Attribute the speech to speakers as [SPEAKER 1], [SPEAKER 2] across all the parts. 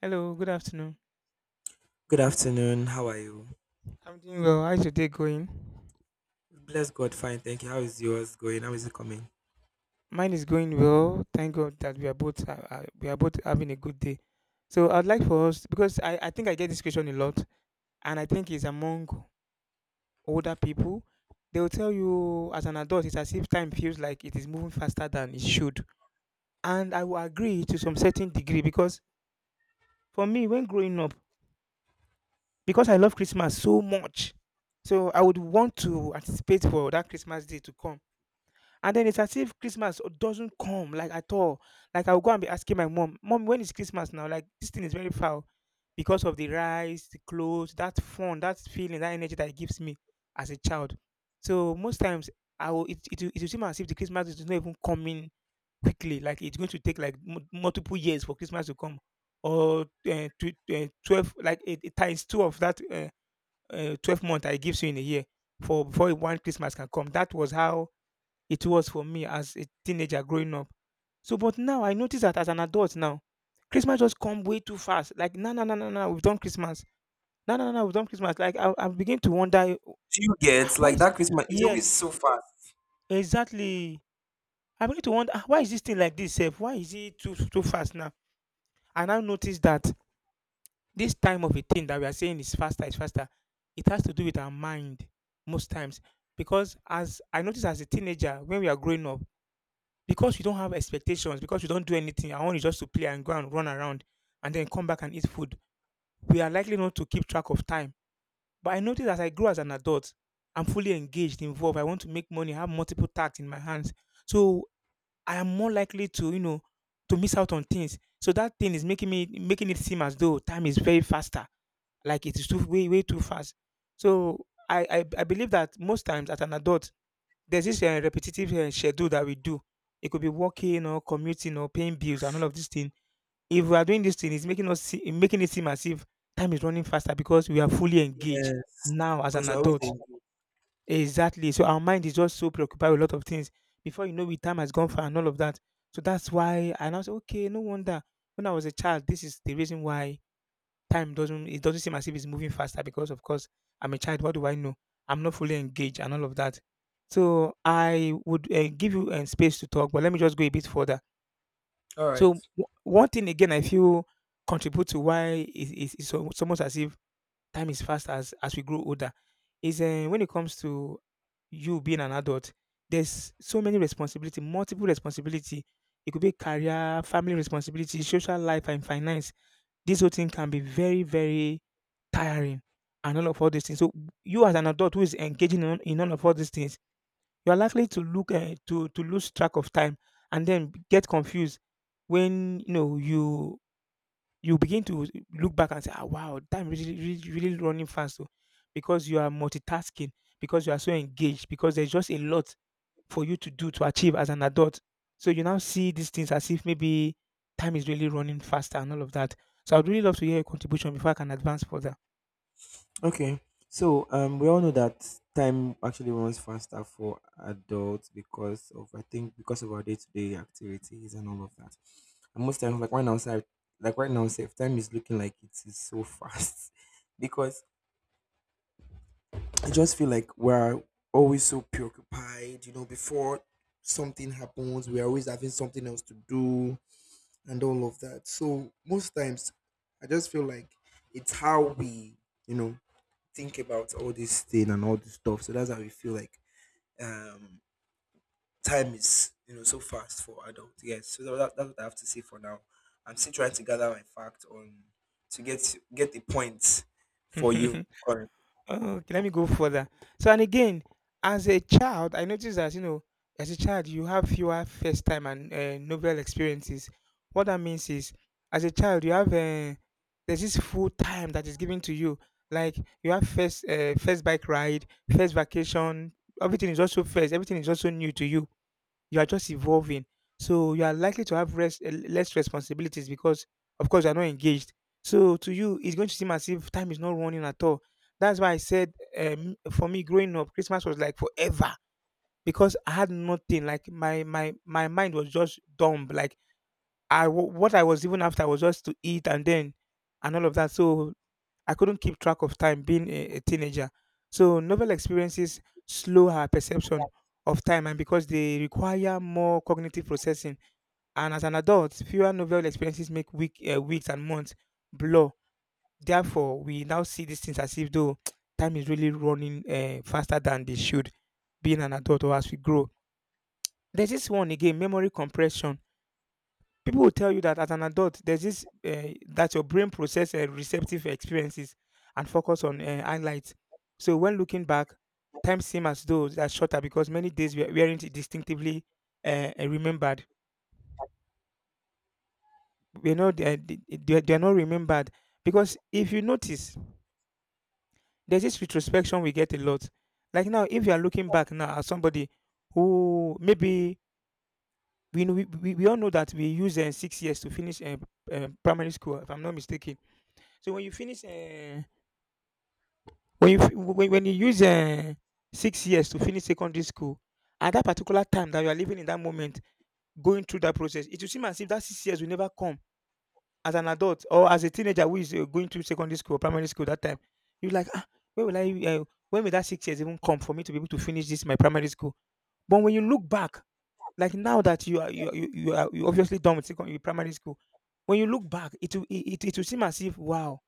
[SPEAKER 1] Hello, good afternoon.
[SPEAKER 2] Good afternoon. How are you?
[SPEAKER 1] I'm doing well. How's your day going?
[SPEAKER 2] Bless God, fine. Thank you. How is yours going? How is it coming?
[SPEAKER 1] Mine is going well. Thank God that we are both having a good day. So I'd like for us because I think I get this question a lot, and I think it's among older people. They will tell you as an adult, it's as if time feels like it is moving faster than it should, and I will agree to some certain degree because for me, when growing up, because I love Christmas so much, so I would want to anticipate for that Christmas day to come. And then it's as if Christmas doesn't come like at all. Like I'll go and be asking my mom, "Mom, when is Christmas now?" Like this thing is very foul because of the rice, the clothes, that fun, that feeling, that energy that it gives me as a child. So most times I will it it will seem as if the Christmas is not even coming quickly. Like it's going to take like multiple years for Christmas to come, or 12, like it times two of that 12 month that it gives you in a year for before one Christmas can come. That was how it was for me as a teenager growing up. So, but now I notice that as an adult now, Christmas just come way too fast. Like, no, no, no, no, no, we've done Christmas. No, no, no, no, we've done Christmas. Like, I begin to wonder,
[SPEAKER 2] Do you
[SPEAKER 1] "Ah,
[SPEAKER 2] get
[SPEAKER 1] why?
[SPEAKER 2] like
[SPEAKER 1] Is,
[SPEAKER 2] that Christmas is
[SPEAKER 1] yes,
[SPEAKER 2] always so fast?
[SPEAKER 1] exactly. I begin to wonder, Ah, why is this thing like this? Sef? Why is it too fast now?" And I now notice that this time of a thing that we are saying is faster, is faster. It has to do with our mind most times, because as I notice, as a teenager when we are growing up, because you don't have expectations, because you don't do anything, I want you just to play and go and run around and then come back and eat food. We are likely not to keep track of time. But I notice as I grow as an adult, I'm fully engaged, involved. I want to make money, have multiple tasks in my hands. So I am more likely to miss out on things. So that thing is making it seem as though time is very faster. Like it is too, way, way too fast. So I believe that most times as an adult, there's this repetitive schedule that we do. It could be working or commuting or paying bills and all of this thing. If we are doing this thing, it's making us see, making it seem as if time is running faster because we are fully engaged
[SPEAKER 2] Yes,
[SPEAKER 1] now as an
[SPEAKER 2] because we're always
[SPEAKER 1] adult.
[SPEAKER 2] engaged.
[SPEAKER 1] Exactly. So our mind is just so preoccupied with a lot of things. Before you know it, time has gone far and all of that. So that's why I now say, okay, no wonder. When I was a child, this is the reason why time doesn't seem as if it's moving faster, because of course I'm a child. What do I know? I'm not fully engaged and all of that. So I would give you space to talk, but let me just go a bit further.
[SPEAKER 2] All
[SPEAKER 1] So
[SPEAKER 2] right.
[SPEAKER 1] one thing again, I feel contribute to why it, it's al- it's almost as if time is fast as we grow older, is when it comes to you being an adult. There's so many responsibility, multiple responsibility. It could be career, family responsibility, social life, and finance. This whole thing can be very, very tiring and all of all these things. So you as an adult who is engaging in all these things, you are likely to look to lose track of time and then get confused, when you know, you begin to look back and say, ah, wow, time really, really running fast. So because you are multitasking, because you are so engaged, because there's just a lot for you to do, to achieve as an adult. So you now see these things as if maybe time is really running faster and all of that. So I'd really love to hear your contribution before I can advance further.
[SPEAKER 2] Okay. So, we all know that time actually runs faster for adults because of I think because of our day-to-day activities and all of that. And most times, like right now, safe time is looking like it is so fast because I just feel like we're always so preoccupied, before something happens, we're always having something else to do and all of that. So most times I just feel like it's how we, you know, think about all this thing and all this stuff. So that's how we feel like um time is so fast for adults. Yes. So that's what I have to say for now. I'm still trying to gather my fact on to get a point for you.
[SPEAKER 1] Oh, okay, let me go further. So, and again, as a child, I noticed that, as a child, you have fewer first time and novel experiences. What that means is, as a child, there's this full time that is given to you. Like, you have first bike ride, first vacation, everything is also first, everything is also new to you. You are just evolving. So you are likely to have less responsibilities because, of course, you are not engaged. So to you, it's going to seem as if time is not running at all. That's why I said, for me, growing up, Christmas was like forever because I had nothing. Like my mind was just dumb. Like what I was even after was just to eat and all of that. So I couldn't keep track of time being a teenager. So novel experiences slow her perception of time, and because they require more cognitive processing. And as an adult, fewer novel experiences make weeks and months blur. Therefore, we now see these things as if though time is really running faster than they should, being an adult or as we grow. There's this one again, memory compression. People will tell you that as an adult, there's this that your brain process receptive experiences and focus on highlights. So when looking back, time seems as though they are shorter because many days we weren't distinctively remembered. We're not, they are not remembered, because if you notice, there's this retrospection we get a lot. Like now, if you are looking back now at somebody who maybe, we all know that we use 6 years to finish primary school, if I'm not mistaken. So when you use 6 years to finish secondary school, at that particular time that you are living in that moment, going through that process, it will seem as if that 6 years will never come, as an adult or as a teenager who is going through secondary school or primary school that time. You're like, ah, where will I? When will that 6 years even come for me to be able to finish this my primary school? But when you look back, like now that you are you are you obviously done with secondary primary school, when you look back, it will seem as if, wow,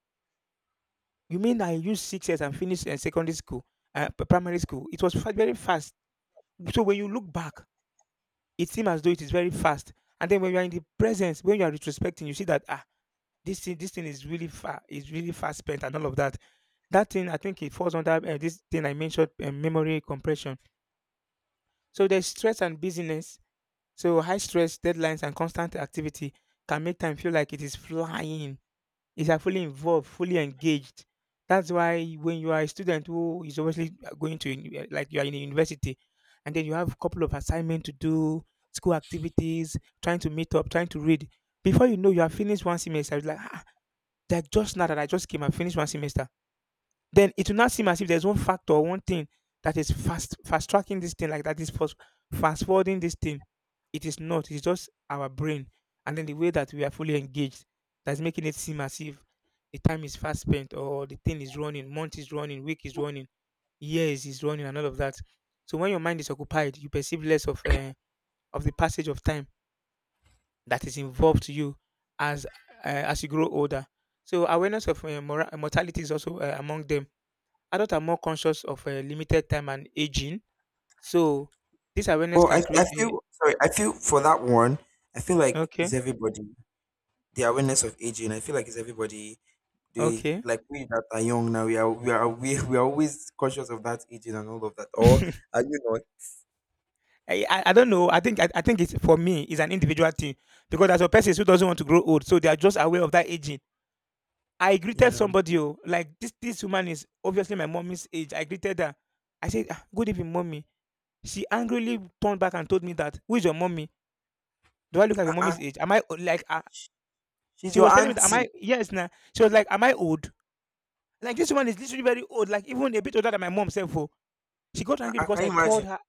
[SPEAKER 1] you mean I used 6 years and finished secondary school, primary school? It was very fast. So when you look back, it seems as though it is very fast. And then when you are in the presence, when you are retrospecting, you see that, ah, this thing is really far, is really fast spent, and all of that. That thing, I think it falls under this thing I mentioned, memory compression. So there's stress and busyness. So high stress, deadlines, and constant activity can make time feel like it is flying, is like fully involved, fully engaged. That's why when you are a student who is obviously going to like you are in a university, and then you have a couple of assignment to do, school activities, trying to meet up, trying to read. Before you know, you have finished one semester. It's like, ah, that just now that I just came and finished one semester, then it will not seem as if there's one factor or one thing that is fast tracking this thing, like that is fast forwarding this thing. It is not, it's just our brain and then the way that we are fully engaged, that's making it seem as if the time is fast spent, or the thing is running, month is running, week is running, years is running, and all of that. So when your mind is occupied, you perceive less of the passage of time that is involved to you, as as you grow older. So awareness of mortality is also among them. Adults are more conscious of limited time and aging, so this awareness
[SPEAKER 2] Well,
[SPEAKER 1] can
[SPEAKER 2] I
[SPEAKER 1] create a.
[SPEAKER 2] feel sorry. I feel for that one. I feel like
[SPEAKER 1] Okay,
[SPEAKER 2] it's everybody. The awareness of aging. I feel like it's everybody. They
[SPEAKER 1] okay.
[SPEAKER 2] like we that are young now. We are always conscious of that aging and all of that. Or are you not?
[SPEAKER 1] I don't know. I think it's for me. It's an individual thing because there's a person who doesn't want to grow old, so they are just aware of that aging. I greeted
[SPEAKER 2] Yeah.
[SPEAKER 1] somebody, oh, like this. This woman is obviously my mommy's age. I greeted her. I said, "Ah, good evening, mommy." She angrily turned back and told me that, "Who is your mommy? Do I look like your
[SPEAKER 2] Uh, uh,
[SPEAKER 1] mommy's age? Am I like?"
[SPEAKER 2] she's
[SPEAKER 1] She
[SPEAKER 2] your
[SPEAKER 1] was telling me that, "Am
[SPEAKER 2] auntie.
[SPEAKER 1] I? Yes?" Now she was like, "Am I old?" Like, this woman is literally very old, like even a bit older than my mom self. Oh. She got angry because
[SPEAKER 2] Can
[SPEAKER 1] I
[SPEAKER 2] you
[SPEAKER 1] called
[SPEAKER 2] imagine?
[SPEAKER 1] her.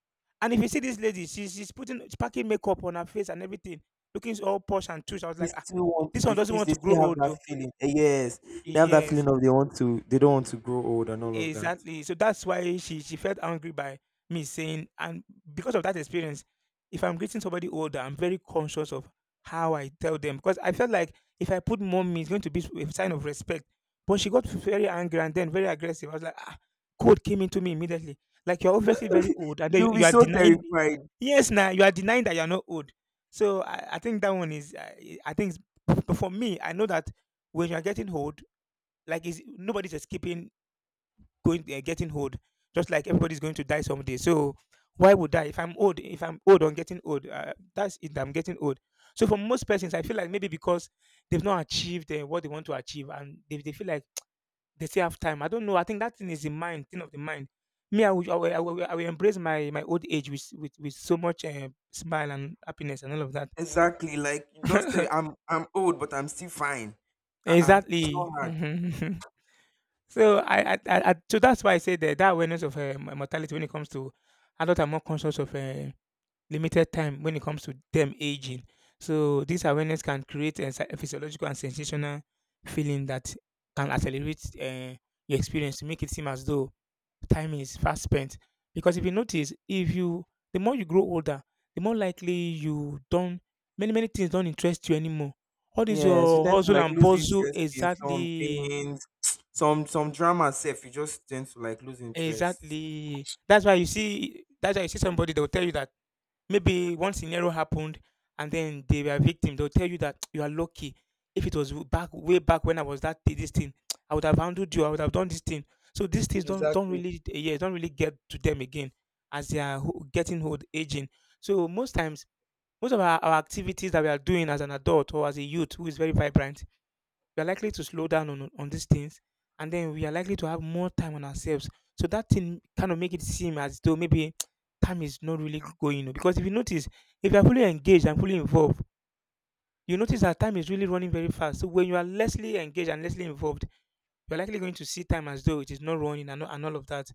[SPEAKER 1] And if you see this lady, she's packing makeup on her face and everything, looking all posh and tush. I was
[SPEAKER 2] They
[SPEAKER 1] like, ah,
[SPEAKER 2] still want.
[SPEAKER 1] this
[SPEAKER 2] They
[SPEAKER 1] one doesn't
[SPEAKER 2] feel.
[SPEAKER 1] want
[SPEAKER 2] They
[SPEAKER 1] to grow
[SPEAKER 2] still have
[SPEAKER 1] old
[SPEAKER 2] that
[SPEAKER 1] though.
[SPEAKER 2] feeling. Yes, they have that
[SPEAKER 1] Yes.
[SPEAKER 2] feeling of they want to. They don't want to grow old and all of that.
[SPEAKER 1] Exactly. So that's why she felt angry by me saying. And because of that experience, if I'm greeting somebody older, I'm very conscious of how I tell them, because I felt like if I put mommy, it's going to be a sign of respect. But she got very angry and then very aggressive. I was like, ah, code came into me immediately. Like, you're obviously very old, and then
[SPEAKER 2] You'll be
[SPEAKER 1] you are
[SPEAKER 2] so
[SPEAKER 1] denying.
[SPEAKER 2] terrified.
[SPEAKER 1] Yes, now you are denying that you're not old. So I think that one is, I think, but for me, I know that when you are getting old, like, is nobody's escaping going getting old, just like everybody's going to die someday. So why would I? If I'm old on getting old, that's it. I'm getting old. So for most persons, I feel like maybe because they've not achieved what they want to achieve, and they feel like they still have time. I don't know. I think that thing is thing of the mind. Me, I will embrace my old age with so much smile and happiness and all of
[SPEAKER 2] Exactly. Like you just tell
[SPEAKER 1] that.
[SPEAKER 2] I'm old, but I'm still fine. Uh-uh. It's not
[SPEAKER 1] Exactly.
[SPEAKER 2] hard.
[SPEAKER 1] So I so that's why I say that that awareness of mortality, when it comes to adults, are more conscious of limited time when it comes to them aging. So this awareness can create a physiological and sensational feeling that can accelerate your experience to make it seem as though time is fast spent. Because if you notice, if you the more you grow older, the more likely you don't many things don't interest you anymore. All this
[SPEAKER 2] Yes, you
[SPEAKER 1] your
[SPEAKER 2] tend to
[SPEAKER 1] hustle
[SPEAKER 2] like
[SPEAKER 1] and
[SPEAKER 2] lose
[SPEAKER 1] bustle,
[SPEAKER 2] interest in some
[SPEAKER 1] exactly.
[SPEAKER 2] things. Some drama self, you just tend to like lose interest.
[SPEAKER 1] Exactly. That's why you see somebody. They'll tell you that maybe one scenario happened and then they were a victim. They'll tell you that, you are lucky. If it was back, way back when I was this thing, I would have handled you, I would have done this thing. So these things don't
[SPEAKER 2] Exactly.
[SPEAKER 1] really yeah, don't really get to them again as they are getting old, aging. So most times, most of our activities that we are doing as an adult, or as a youth who is very vibrant, we are likely to slow down on these things, and then we are likely to have more time on ourselves. So that thing kind of make it seem as though maybe, time is not really going. Oh. Because if you notice, if you are fully engaged and fully involved, you notice that time is really running very fast. So when you are lessly engaged and lessly involved, you're likely going to see time as though it is not running, and all of that.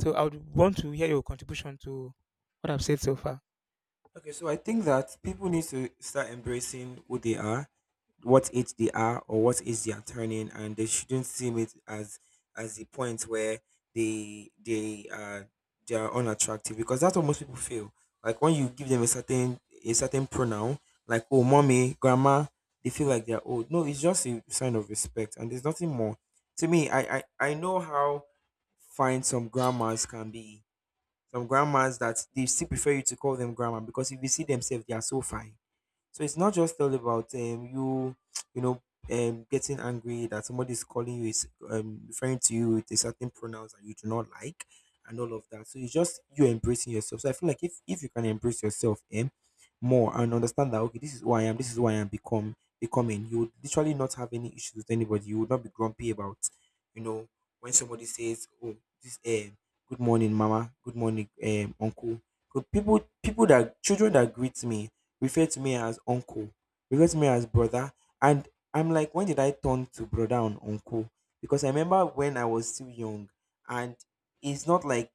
[SPEAKER 1] So I would want to hear your contribution to what I've said so far.
[SPEAKER 2] Okay, so I think that people need to start embracing who they are, what age they are, or what age they are turning, and they shouldn't see it as the point where they they are they are unattractive, because that's what most people feel like when you give them a certain pronoun, like, oh, mommy, grandma. They feel like they're old. No, it's just a sign of respect, and there's nothing more. To me, I know how fine some grandmas can be. Some grandmas that they still prefer you to call them grandma, because if you see themselves, they are so fine. So it's not just all about you, you know, getting angry that somebody is calling you, is referring to you with a certain pronouns that you do not like and all of that. So it's just you embracing yourself. So I feel like if you can embrace yourself, more and understand that, okay, this is who I am, this is who I am become becoming, you would literally not have any issues with anybody. You would not be grumpy about, you know, when somebody says, oh, this good morning, mama, good morning, uncle. Good people people that children that greet me refer to me as uncle, refer to me as brother. And I'm like, when did I turn to brother and uncle? Because I remember when I was still young, and it's not like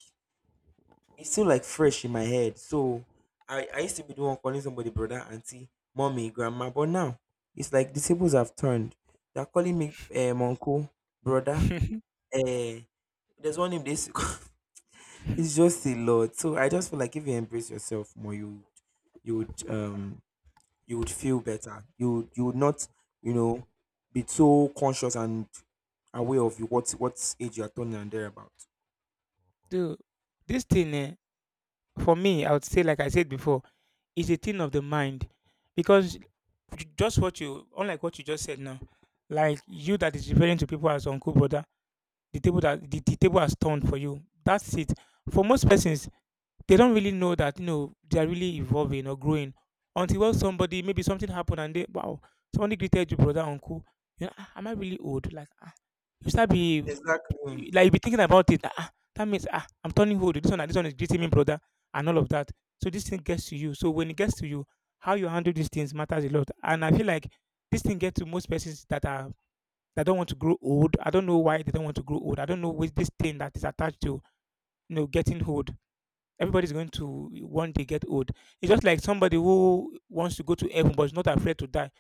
[SPEAKER 2] it's still like fresh in my head. So I used to be the one calling somebody brother, auntie, mommy, grandma, but now it's like the tables have turned. They're calling me uncle, brother. Uh, there's one name they used to call. It's just a lot. So I just feel like if you embrace yourself more, you would um you would feel better. You would not, you know, be so conscious and aware of you what age you are turning and thereabout.
[SPEAKER 1] Dude, this thing, for me, I would say, like I said before, is a thing of the mind, because just what you unlike what you just said now, like, you that is referring to people as uncle, brother, the table has turned for you. That's it. For most persons, they don't really know that, they're really evolving or growing, until, well, somebody maybe something happened, and they wow, somebody greeted you brother, uncle, "Ah, am I really old, like, ah," you start be
[SPEAKER 2] Exactly.
[SPEAKER 1] Y- like, you'll be thinking about it. Ah, that means, I'm turning old. This one, and this one is greeting me brother, and all of that. So this thing gets to you. So when it gets to you, how you handle these things matters a lot. And I feel like this thing gets to most persons that don't want to grow old. I don't know why they don't want to grow old. I don't know which this thing that is attached to, getting old. Everybody's going to one day get old. It's just like somebody who wants to go to heaven but is not afraid to die.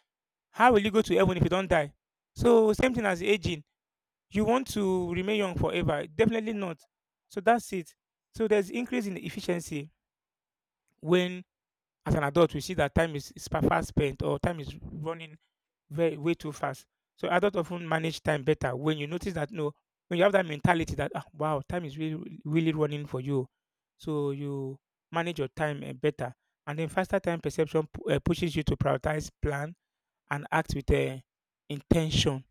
[SPEAKER 1] How will you go to heaven if you don't die? So same thing as aging, you want to remain young forever? Definitely not. So that's it. So there's increase in efficiency when, as an adult, we see that time is fast spent, or time is running very way too fast. So adults often manage time better when you notice that. No, when you have that mentality that, ah, wow, time is really really running for you, so you manage your time better, and then faster time perception pushes you to prioritize, plan, and act with intention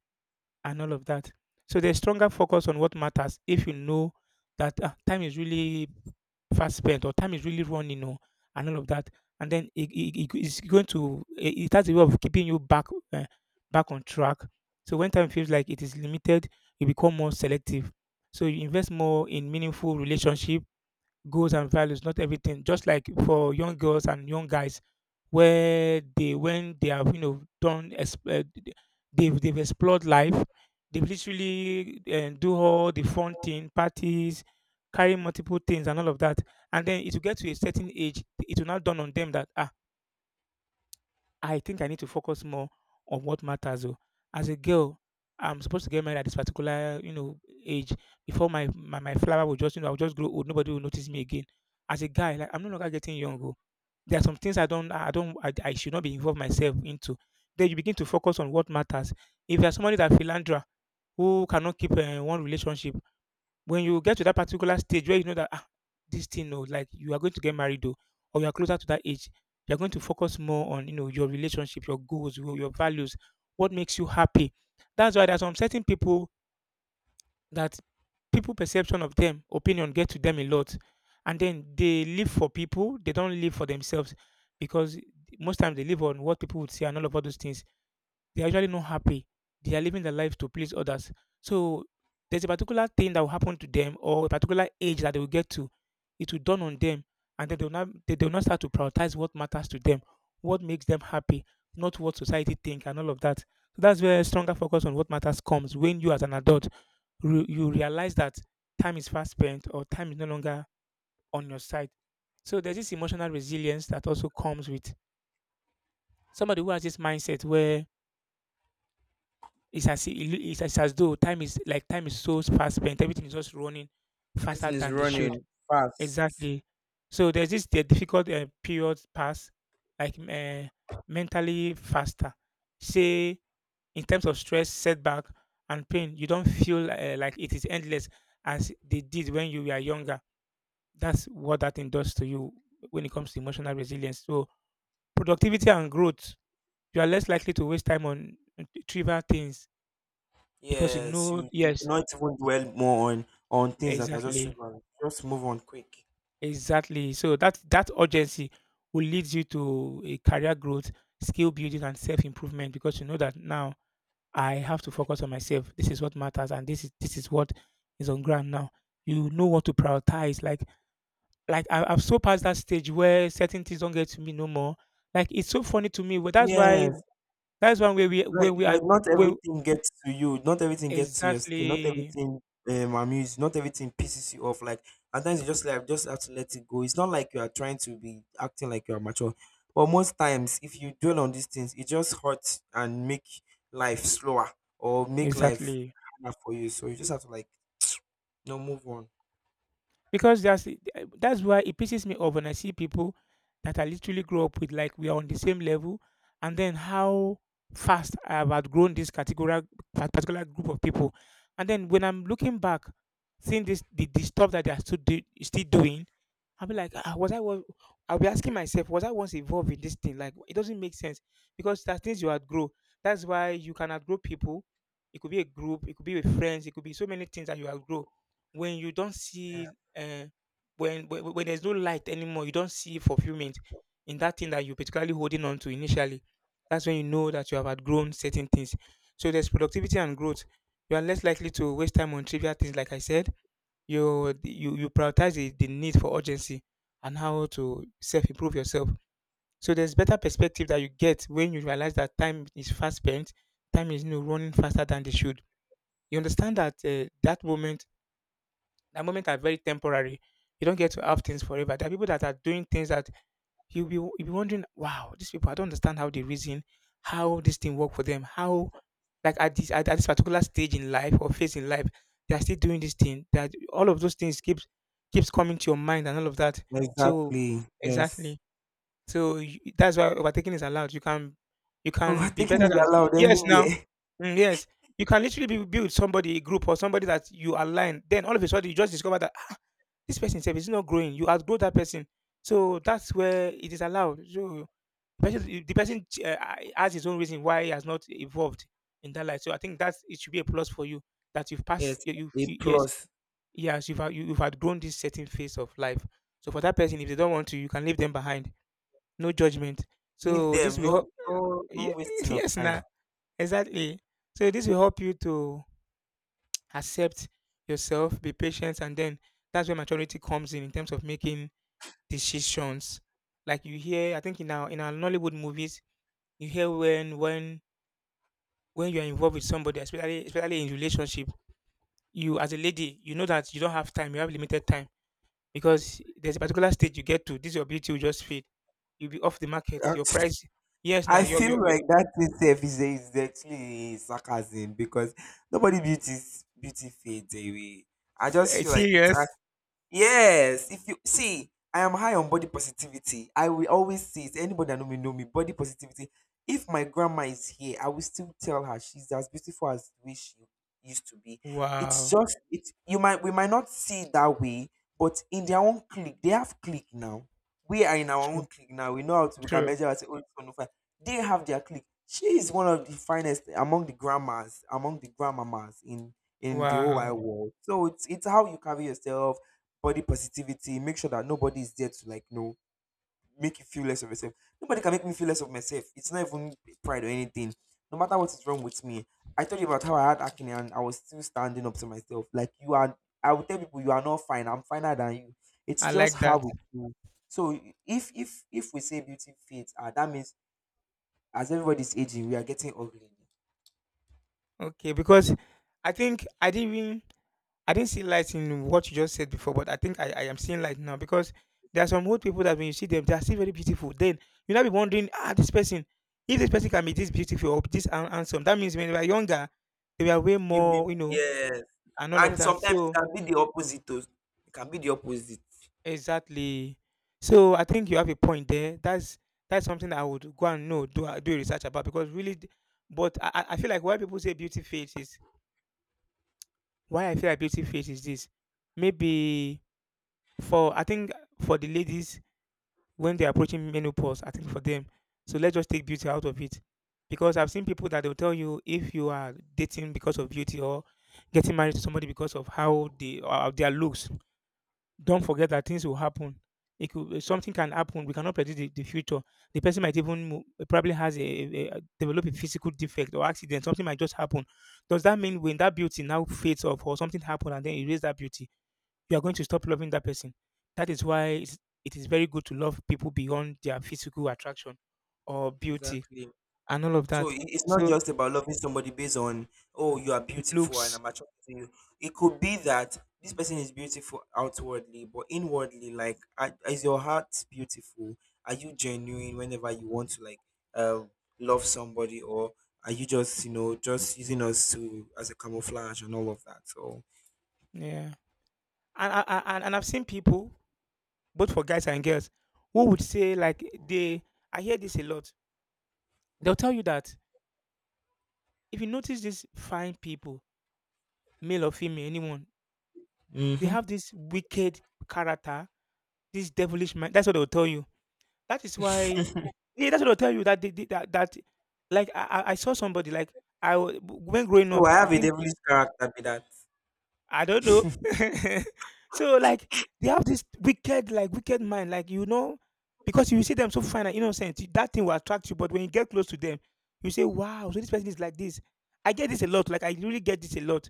[SPEAKER 1] and all of that. So there's stronger focus on what matters if you know that, ah, time is really fast spent or time is really running, and all of that. And then it- it's going to, it has a way of keeping you back, uh, back on track. So when time feels like it is limited, you become more selective. So you invest more in meaningful relationship, goals, and values, not everything. Just like for young girls and young guys, where they when they have you know done exp- they've explored life, they've literally do all the fun thing, parties, carry multiple things and all of that, and then it will get to a certain age, it will now dawn on them that, ah, I think I need to focus more on what matters. Oh. As a girl, I'm supposed to get married at this particular, you know, age. Before my flower will just, you know, I'll just grow old. Nobody will notice me again. As a guy, like, I'm no longer getting young. Oh, there are some things I don't, I don't, I should not be involved myself into. Then you begin to focus on what matters. If you're somebody that philandra, who cannot keep one relationship, when you get to that particular stage where you know that, ah, this thing, oh, like, you are going to get married, oh, or you are closer to that age, you are going to focus more on, your relationship, your goals, your values, what makes you happy. That's why there's some certain people that, people perception of them, opinion, get to them a lot, and then they live for people. They don't live for themselves, because most times they live on what people would say, and all those things they're usually not happy. They are living their life to please others. So there's a particular thing that will happen to them, or a particular age that they will get to. It will dawn on them, and they do not start to prioritize what matters to them, what makes them happy, not what society think and all of that. So that's where stronger focus on what matters comes, when you as an adult you realize that time is fast spent or time is no longer on your side. So there's this emotional resilience that also comes with somebody who has this mindset, where it's as if it loo- it's as though time is, like, time is so fast spent. Everything is just running faster
[SPEAKER 2] Everything is
[SPEAKER 1] than they should.
[SPEAKER 2] running fast.
[SPEAKER 1] Exactly. So there's this the difficult period pass, like mentally faster. Say, in terms of stress, setback, and pain, you don't feel like it is endless as they did when you were younger. That's what that thing does to you when it comes to emotional resilience. So productivity and growth, you are less likely to waste time on trivial things, because you
[SPEAKER 2] Yes,
[SPEAKER 1] know.
[SPEAKER 2] you do
[SPEAKER 1] Yes.
[SPEAKER 2] not even dwell more on things that are just
[SPEAKER 1] Exactly,
[SPEAKER 2] trivial. Just move on quick.
[SPEAKER 1] exactly. So that urgency will lead you to a career growth, skill building, and self improvement, because you know that now I have to focus on myself. This is what matters, and this is what is on ground now. You know what to prioritize. Like I've so passed that stage where certain things don't get to me no more. Like it's so funny to me. But that's why—
[SPEAKER 2] Yes,
[SPEAKER 1] that's one way, we—
[SPEAKER 2] like
[SPEAKER 1] when we are—
[SPEAKER 2] like not
[SPEAKER 1] when—
[SPEAKER 2] everything gets to you, not everything gets to your skin, not
[SPEAKER 1] exactly,
[SPEAKER 2] everything amuse, not everything pisses you off. Like, sometimes you just, like, just have to let it go. It's not like you are trying to be acting like you are mature, but most times if you dwell on these things, it just hurts and make life slower or make life
[SPEAKER 1] exactly.
[SPEAKER 2] harder for you, so you just have to, like, no, move on.
[SPEAKER 1] Because that's that's why it pisses me off when I see people that I literally grew up with, like we are on the same level, and then how fast I have outgrown this categorical particular group of people. And then when I'm looking back, seeing this the stuff that they are still doing, I'll be like, ah, was I? I'll be asking myself, was I once involved in this thing? Like, it doesn't make sense because there are things you outgrow. That's why you can outgrow people. It could be a group, it could be with friends, it could be so many things that you outgrow. When you don't see— uh, when there's no light anymore, you don't see fulfillment in that thing that you're particularly holding on to initially. That's when you know that you have outgrown certain things. So there's productivity and growth. You are less likely to waste time on trivial things, like I said, you prioritize the need for urgency and how to self improve yourself. So there's better perspective that you get when you realize that time is fast spent, time is, running faster than they should. You understand that that moment are very temporary. You don't get to have things forever. There are people that are doing things that you'll be wondering, wow, these people, I don't understand how they reason, how this thing work for them, how, like, at this— at this particular stage in life or phase in life, they are still doing this thing, that all of those things keeps coming to your mind and all of that. So
[SPEAKER 2] Exactly. Yes.
[SPEAKER 1] exactly. So that's why overtaking is allowed. You can be
[SPEAKER 2] Overtaking
[SPEAKER 1] better
[SPEAKER 2] is
[SPEAKER 1] than—
[SPEAKER 2] allowed
[SPEAKER 1] yes, now,
[SPEAKER 2] anywhere.
[SPEAKER 1] mm, yes, you can literally be, with somebody, a group or somebody that you align, then all of a sudden you just discover that, "Ah, this person itself is not growing." You outgrow that person, so that's where it is allowed. So person the person has his own reason why he has not evolved in that life. So I think that's it should be a plus for you that you've passed.
[SPEAKER 2] Yes, a
[SPEAKER 1] Yes,
[SPEAKER 2] plus.
[SPEAKER 1] yes, you've outgrown this certain phase of life. So for that person, if they don't want to, you can leave them behind. No judgment.
[SPEAKER 2] Leave
[SPEAKER 1] So
[SPEAKER 2] them.
[SPEAKER 1] this will
[SPEAKER 2] No,
[SPEAKER 1] help.
[SPEAKER 2] no, no
[SPEAKER 1] Ye-
[SPEAKER 2] wasting of
[SPEAKER 1] yes,
[SPEAKER 2] time.
[SPEAKER 1] nah, exactly. So this will help you to accept yourself, be patient, and then that's where maturity comes in terms of making decisions. Like you hear, I think, in our Nollywood movies, you hear when— when you're involved with somebody, especially in relationship, you, as a lady, you know that you don't have time, you have limited time because there's a particular stage you get to. This your beauty will just fade. You'll be off the market. Your price— yes, now
[SPEAKER 2] I
[SPEAKER 1] you're
[SPEAKER 2] feel
[SPEAKER 1] you're, you're
[SPEAKER 2] like that itself is actually sarcasm, because nobody beauty fades away. I just feel like it's.
[SPEAKER 1] serious.
[SPEAKER 2] Yes, if you see, I am high on body positivity. I will always say it. Anybody that know me know me. Body positivity. If my grandma is here, I will still tell her she's as beautiful as the way she used to be. It's
[SPEAKER 1] Wow.
[SPEAKER 2] just it's you might we might not see it that way, but in their own clique, they have clique now. We are in our own
[SPEAKER 1] True,
[SPEAKER 2] clique now. We know how to we can
[SPEAKER 1] true.
[SPEAKER 2] measure and say, oh, this one no fine. They have their clique. She is one of the finest among the grandmas, among the grandmamas in the whole wide
[SPEAKER 1] Wow,
[SPEAKER 2] world. So it's how you carry yourself. Body positivity, make sure that nobody is there to make you feel less of yourself. Nobody can make me feel less of myself. It's not even pride or anything. No matter what is wrong with me. I told you about how I had acne and I was still standing up to myself. Like you are I would tell people you are not fine. I'm finer than you. It's
[SPEAKER 1] I
[SPEAKER 2] just
[SPEAKER 1] like
[SPEAKER 2] how
[SPEAKER 1] that.
[SPEAKER 2] we feel. So if we say beauty fades, that means as everybody's aging, we are getting ugly.
[SPEAKER 1] Okay, because I think I didn't see light in what you just said before, but I think I am seeing light now because there are some old people that when you see them, they are still very beautiful. Then you now be wondering, ah, this person, if this person can be this beautiful or handsome, that means when they were younger, they were way
[SPEAKER 2] You mean
[SPEAKER 1] more,
[SPEAKER 2] yes.
[SPEAKER 1] and all of
[SPEAKER 2] And
[SPEAKER 1] that.
[SPEAKER 2] sometimes it
[SPEAKER 1] So
[SPEAKER 2] can be the opposite too. It can be the opposite.
[SPEAKER 1] exactly. So I think you have a point there. That's something I would go and know, do research about, because really, but I feel like why people say beauty fades is— why I feel like beauty fades is this. Maybe for, I think, for the ladies when they're approaching menopause, I think for them. So let's just take beauty out of it. Because I've seen people that they'll tell you, if you are dating because of beauty or getting married to somebody because of how they their looks, don't forget that things will happen. It could— something can happen. We cannot predict the future. The person might even probably has a develop a physical defect or accident. Something might just happen. Does that mean when that beauty now fades off or something happened and then erase that beauty, you are going to stop loving that person? That is why it is very good to love people beyond their physical attraction or beauty
[SPEAKER 2] Exactly.
[SPEAKER 1] and all of
[SPEAKER 2] So
[SPEAKER 1] that.
[SPEAKER 2] it's not
[SPEAKER 1] So,
[SPEAKER 2] just about loving somebody based on, oh, you are beautiful and
[SPEAKER 1] looks,
[SPEAKER 2] I'm attracted to you. It could be that this person is beautiful outwardly, but inwardly, like, is your heart beautiful? Are you genuine whenever you want to, like, uh, love somebody, or are you just, just using us to as a camouflage and all of that? So,
[SPEAKER 1] yeah. And I've seen people, both for guys and girls, who would say, like, they— I hear this a lot. They'll tell you that if you notice these fine people, male or female, anyone, they
[SPEAKER 2] hmm
[SPEAKER 1] have this wicked character, this devilish mind. That's what they'll tell you. That is why. Yeah, that's what I'll tell you, that they the that that like I saw somebody. Like, when growing
[SPEAKER 2] so
[SPEAKER 1] up,
[SPEAKER 2] I
[SPEAKER 1] I
[SPEAKER 2] have a
[SPEAKER 1] think—
[SPEAKER 2] devilish character be that.
[SPEAKER 1] I don't know. So, like, they have this wicked, like, wicked mind, like, because you see them so fine and innocent, that thing will attract you. But when you get close to them, you say, "Wow, so this person is like this." I get this a lot. Like, I really get this a lot.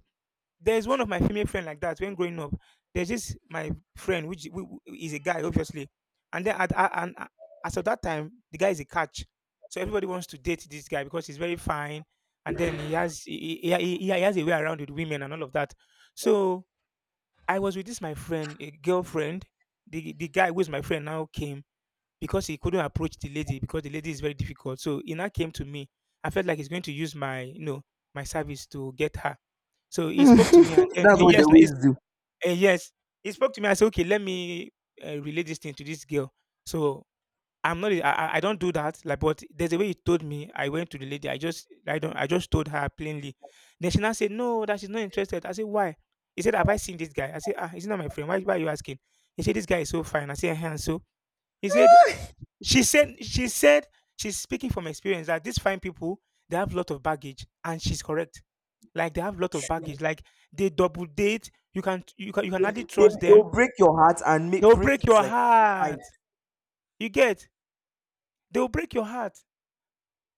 [SPEAKER 1] There's one of my female friend like that, when growing up. There's this my friend, who is a guy, obviously, and then, as of that time, the guy is a catch. So everybody wants to date this guy because he's very fine, and then he has a way around with women and all of that. So I was with this my friend, a girlfriend. The guy, who is my friend now, came because he couldn't approach the lady, because the lady is very difficult, so he now came to me. I felt like he's going to use my, my service to get her. So he spoke to me, and then
[SPEAKER 2] That's what they
[SPEAKER 1] yes,
[SPEAKER 2] always do.
[SPEAKER 1] yes, he spoke to me. I said, okay, let me, relay this thing to this girl. So I'm not— I don't do that. Like, but there's a way he told me. I went to the lady. I just— I don't, I just told her plainly. Then she now said, no, that she's not interested. I said, why? He said, have I seen this guy? I said, ah, he's not my friend. Why are you asking? He said, this guy is so fine. I said, "Eh-heh," and so he said, she said, she's speaking from experience, that these fine people, they have a lot of baggage, and she's correct. Like, they have a lot of baggage. Like, they double date. You can
[SPEAKER 2] They,
[SPEAKER 1] hardly
[SPEAKER 2] do- they,
[SPEAKER 1] trust them.
[SPEAKER 2] they'll break your heart and
[SPEAKER 1] They
[SPEAKER 2] make
[SPEAKER 1] will
[SPEAKER 2] break
[SPEAKER 1] break
[SPEAKER 2] it,
[SPEAKER 1] your
[SPEAKER 2] like.
[SPEAKER 1] heart. You get? They will break your heart.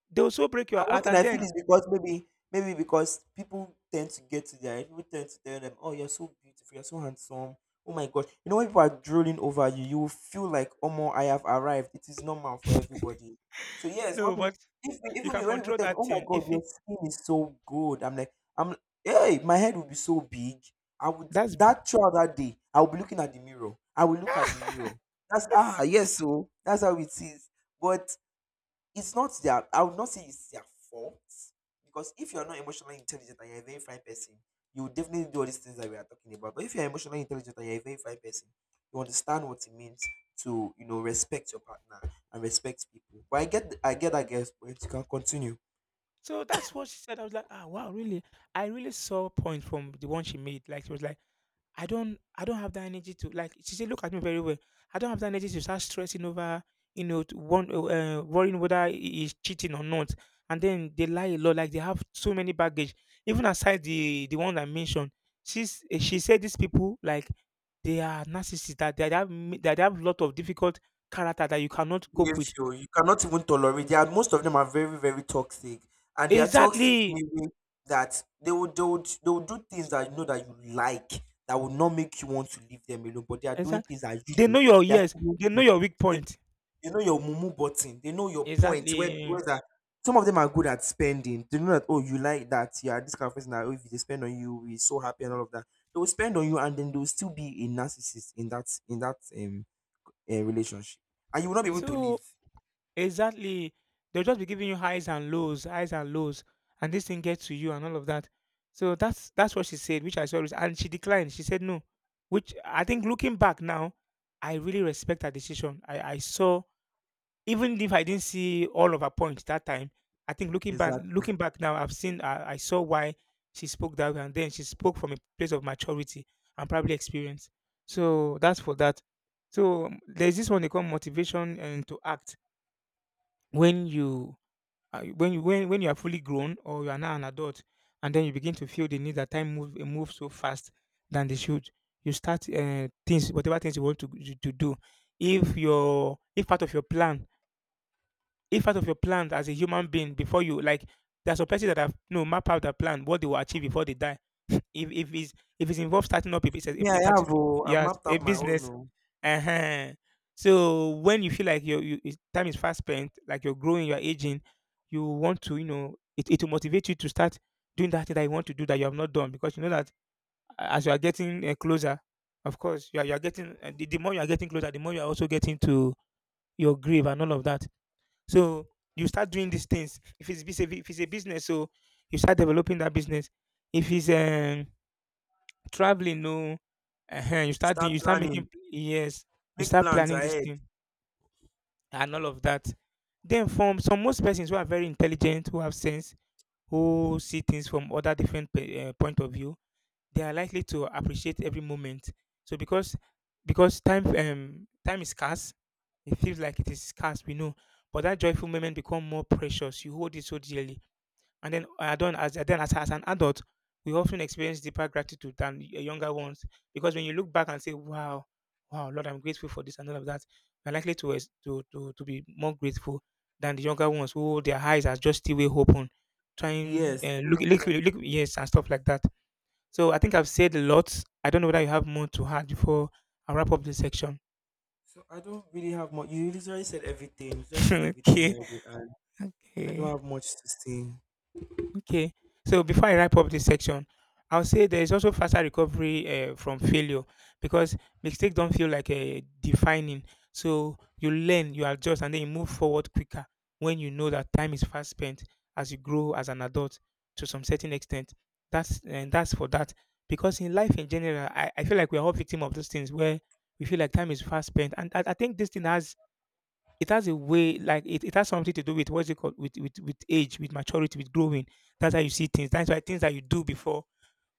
[SPEAKER 1] They will so break your
[SPEAKER 2] And one
[SPEAKER 1] heart,
[SPEAKER 2] thing
[SPEAKER 1] and
[SPEAKER 2] I feel
[SPEAKER 1] then—
[SPEAKER 2] is because maybe because people tend to tell them, oh, you're so beautiful, you're so handsome. Oh my god. You know, when people are drooling over you, you will feel like, oh my, I have arrived. It is normal for everybody. So yes, when
[SPEAKER 1] no,
[SPEAKER 2] people
[SPEAKER 1] but
[SPEAKER 2] if
[SPEAKER 1] you
[SPEAKER 2] even
[SPEAKER 1] can
[SPEAKER 2] me, when people
[SPEAKER 1] control
[SPEAKER 2] tell me,
[SPEAKER 1] that
[SPEAKER 2] oh my
[SPEAKER 1] thing.
[SPEAKER 2] god,
[SPEAKER 1] If
[SPEAKER 2] your
[SPEAKER 1] it,
[SPEAKER 2] skin is so good, I'm like, I'm hey, my head will be so big. I would
[SPEAKER 1] that's
[SPEAKER 2] That throughout that day, I will be looking at the mirror. I will look at the mirror. That's ah Yes, so that's how it is. But it's not their I would not say it's their fault, because if you're not emotionally intelligent and you're a very fine person, you will definitely do all these things that we are talking about, but if you're emotionally intelligent and you're a very fine person, you understand what it means to respect your partner and respect people. But I get that, guess, but you can continue.
[SPEAKER 1] So that's what she said. I was like, ah, wow, really? I really saw a point from the one she made. Like, she was like, I don't have that energy to— like, she said, look at me very well. I don't have that energy to start stressing over, to one, worrying whether he is cheating or not. And then they lie a lot, like, they have so many baggage. Even aside the one I mentioned, she said these people, like, they are narcissists, that they have a lot of difficult character that you cannot cope with.
[SPEAKER 2] Behavior you cannot even tolerate. They are Most of them are very, very toxic, and they are toxic in
[SPEAKER 1] Exactly,
[SPEAKER 2] a way that they would do things that you know that you like that will not make you want to leave them alone. But they are doing
[SPEAKER 1] exactly.
[SPEAKER 2] things that you
[SPEAKER 1] They
[SPEAKER 2] do.
[SPEAKER 1] know your—
[SPEAKER 2] They are
[SPEAKER 1] yes,
[SPEAKER 2] still doing
[SPEAKER 1] they know
[SPEAKER 2] things.
[SPEAKER 1] your weak
[SPEAKER 2] They,
[SPEAKER 1] point.
[SPEAKER 2] they know your mumu button. They know your point. Where
[SPEAKER 1] Exactly.
[SPEAKER 2] where that some of them are good at spending. They know that, oh, you like that. You are this kind of person that, oh, if they spend on you, we're so happy and all of that. They will spend on you, and then they will still be a narcissist in that relationship, and you will not be able to
[SPEAKER 1] So—
[SPEAKER 2] leave.
[SPEAKER 1] exactly. They'll just be giving you highs and lows, and this thing gets to you and all of that. So that's what she said, which I saw— and she declined. She said no, which I think, looking back now, I really respect her decision. I saw, even if I didn't see all of her points that time, I think looking back—
[SPEAKER 2] Exactly.
[SPEAKER 1] now, I saw why she spoke that way, and then she spoke from a place of maturity and probably experience. So that's for that. So there's this one they call motivation and to act when you when you when you are fully grown or you are now an adult, and then you begin to feel the need that time move move so fast than they should. You start things whatever things you want to, to do if your if part of your plan, if part of your plan as a human being before you, like there's some person that have no map out their plan what they will achieve before they die. if if it's if it's involved starting up a business,
[SPEAKER 2] Me,
[SPEAKER 1] a, a
[SPEAKER 2] I have
[SPEAKER 1] parti-
[SPEAKER 2] oh, I've
[SPEAKER 1] yes,
[SPEAKER 2] mapped
[SPEAKER 1] a
[SPEAKER 2] out my own.
[SPEAKER 1] business.
[SPEAKER 2] Oh.
[SPEAKER 1] Uh-huh. So when you feel like time is fast spent, like you're growing, you're aging, you want to, you know, it will motivate you to start doing that thing that you want to do that you have not done, because you know that as you are getting closer, of course, you are getting, the more you are getting closer, the more you are also getting to your grave and all of that. So you start doing these things. If it's, if it's a business, so you start developing that business. If it's traveling, no, uh-huh, you
[SPEAKER 2] You
[SPEAKER 1] start doing,
[SPEAKER 2] start
[SPEAKER 1] you start making,
[SPEAKER 2] planning,
[SPEAKER 1] yes, you
[SPEAKER 2] make
[SPEAKER 1] start
[SPEAKER 2] plans
[SPEAKER 1] planning this
[SPEAKER 2] ahead.
[SPEAKER 1] thing and all of that. Then from some most persons who are very intelligent, who have sense, who see things from other different point of view, they are likely to appreciate every moment. So because time is scarce, it feels like it is scarce. We know, but that joyful moment become more precious. You hold it so dearly. And then I don't, as an adult, we often experience deeper gratitude than younger ones, because when you look back and say, "Wow, wow, Lord, I'm grateful for this and all of that," you're likely to to be more grateful than the younger ones who their eyes are just still way open, trying
[SPEAKER 2] Yes, too open.
[SPEAKER 1] look, yes, and stuff like that. So I think I've said a lot. I don't know whether you have more to add before I wrap up this section.
[SPEAKER 2] So I don't really have much. You literally said everything. You just said everything
[SPEAKER 1] okay,
[SPEAKER 2] already, and I don't
[SPEAKER 1] okay.
[SPEAKER 2] have much to say.
[SPEAKER 1] Okay. So before I wrap up this section, I'll say there is also faster recovery from failure, because mistakes don't feel like a defining. So you learn, you adjust, and then you move forward quicker when you know that time is fast spent as you grow as an adult, to some certain extent. That's, and that's for that, because in life in general, I feel like we're all victim of those things where we feel like time is fast spent, and I think this thing has, it has a way, like it has something to do with, what's it called, with, with age, with maturity, with growing. That's how you see things. That's why things that you do before,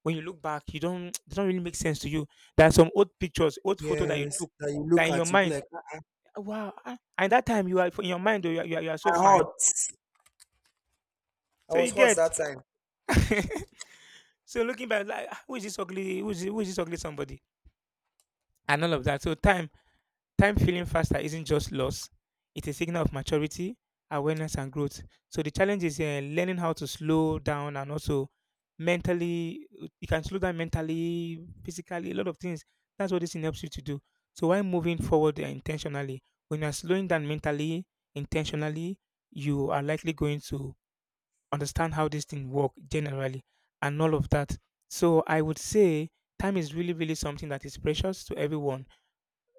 [SPEAKER 1] when you look back, you don't they don't really make sense to you. There are some old pictures, old photo that you
[SPEAKER 2] Yes,
[SPEAKER 1] took
[SPEAKER 2] that you
[SPEAKER 1] that
[SPEAKER 2] look
[SPEAKER 1] in your
[SPEAKER 2] at, you be
[SPEAKER 1] mind,
[SPEAKER 2] like, I,
[SPEAKER 1] "Wow, ah," and that time you are in your mind, oh, you are so
[SPEAKER 2] I
[SPEAKER 1] fine.
[SPEAKER 2] hot. I
[SPEAKER 1] So
[SPEAKER 2] was
[SPEAKER 1] you
[SPEAKER 2] hot
[SPEAKER 1] get.
[SPEAKER 2] that time.
[SPEAKER 1] So looking back, like, "Ah, who is this ugly? Who is this ugly somebody?" And all of that. So time feeling faster isn't just loss, it's a signal of maturity, awareness, and growth. So the challenge is learning how to slow down, and also mentally, you can slow down mentally, physically, a lot of things. That's what this thing helps you to do. So while moving forward intentionally, when you're slowing down mentally, intentionally, you are likely going to understand how this thing work generally and all of that. So I would say time is really, really something that is precious to everyone,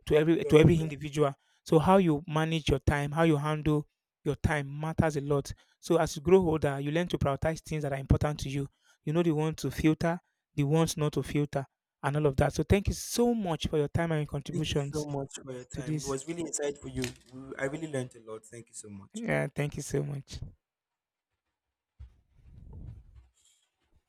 [SPEAKER 1] to
[SPEAKER 2] Very
[SPEAKER 1] every
[SPEAKER 2] proud.
[SPEAKER 1] individual. So how you manage your time, how you handle your time matters a lot. So as you grow older, you learn to prioritize things that are important to you. You know the ones to filter, the ones not to filter, and all of that. So thank you so much for your time and your
[SPEAKER 2] Thank you so
[SPEAKER 1] contributions
[SPEAKER 2] much for your
[SPEAKER 1] to
[SPEAKER 2] time. It
[SPEAKER 1] this.
[SPEAKER 2] was really insightful. I really learned a lot. Thank you so much.
[SPEAKER 1] Yeah, thank you so much.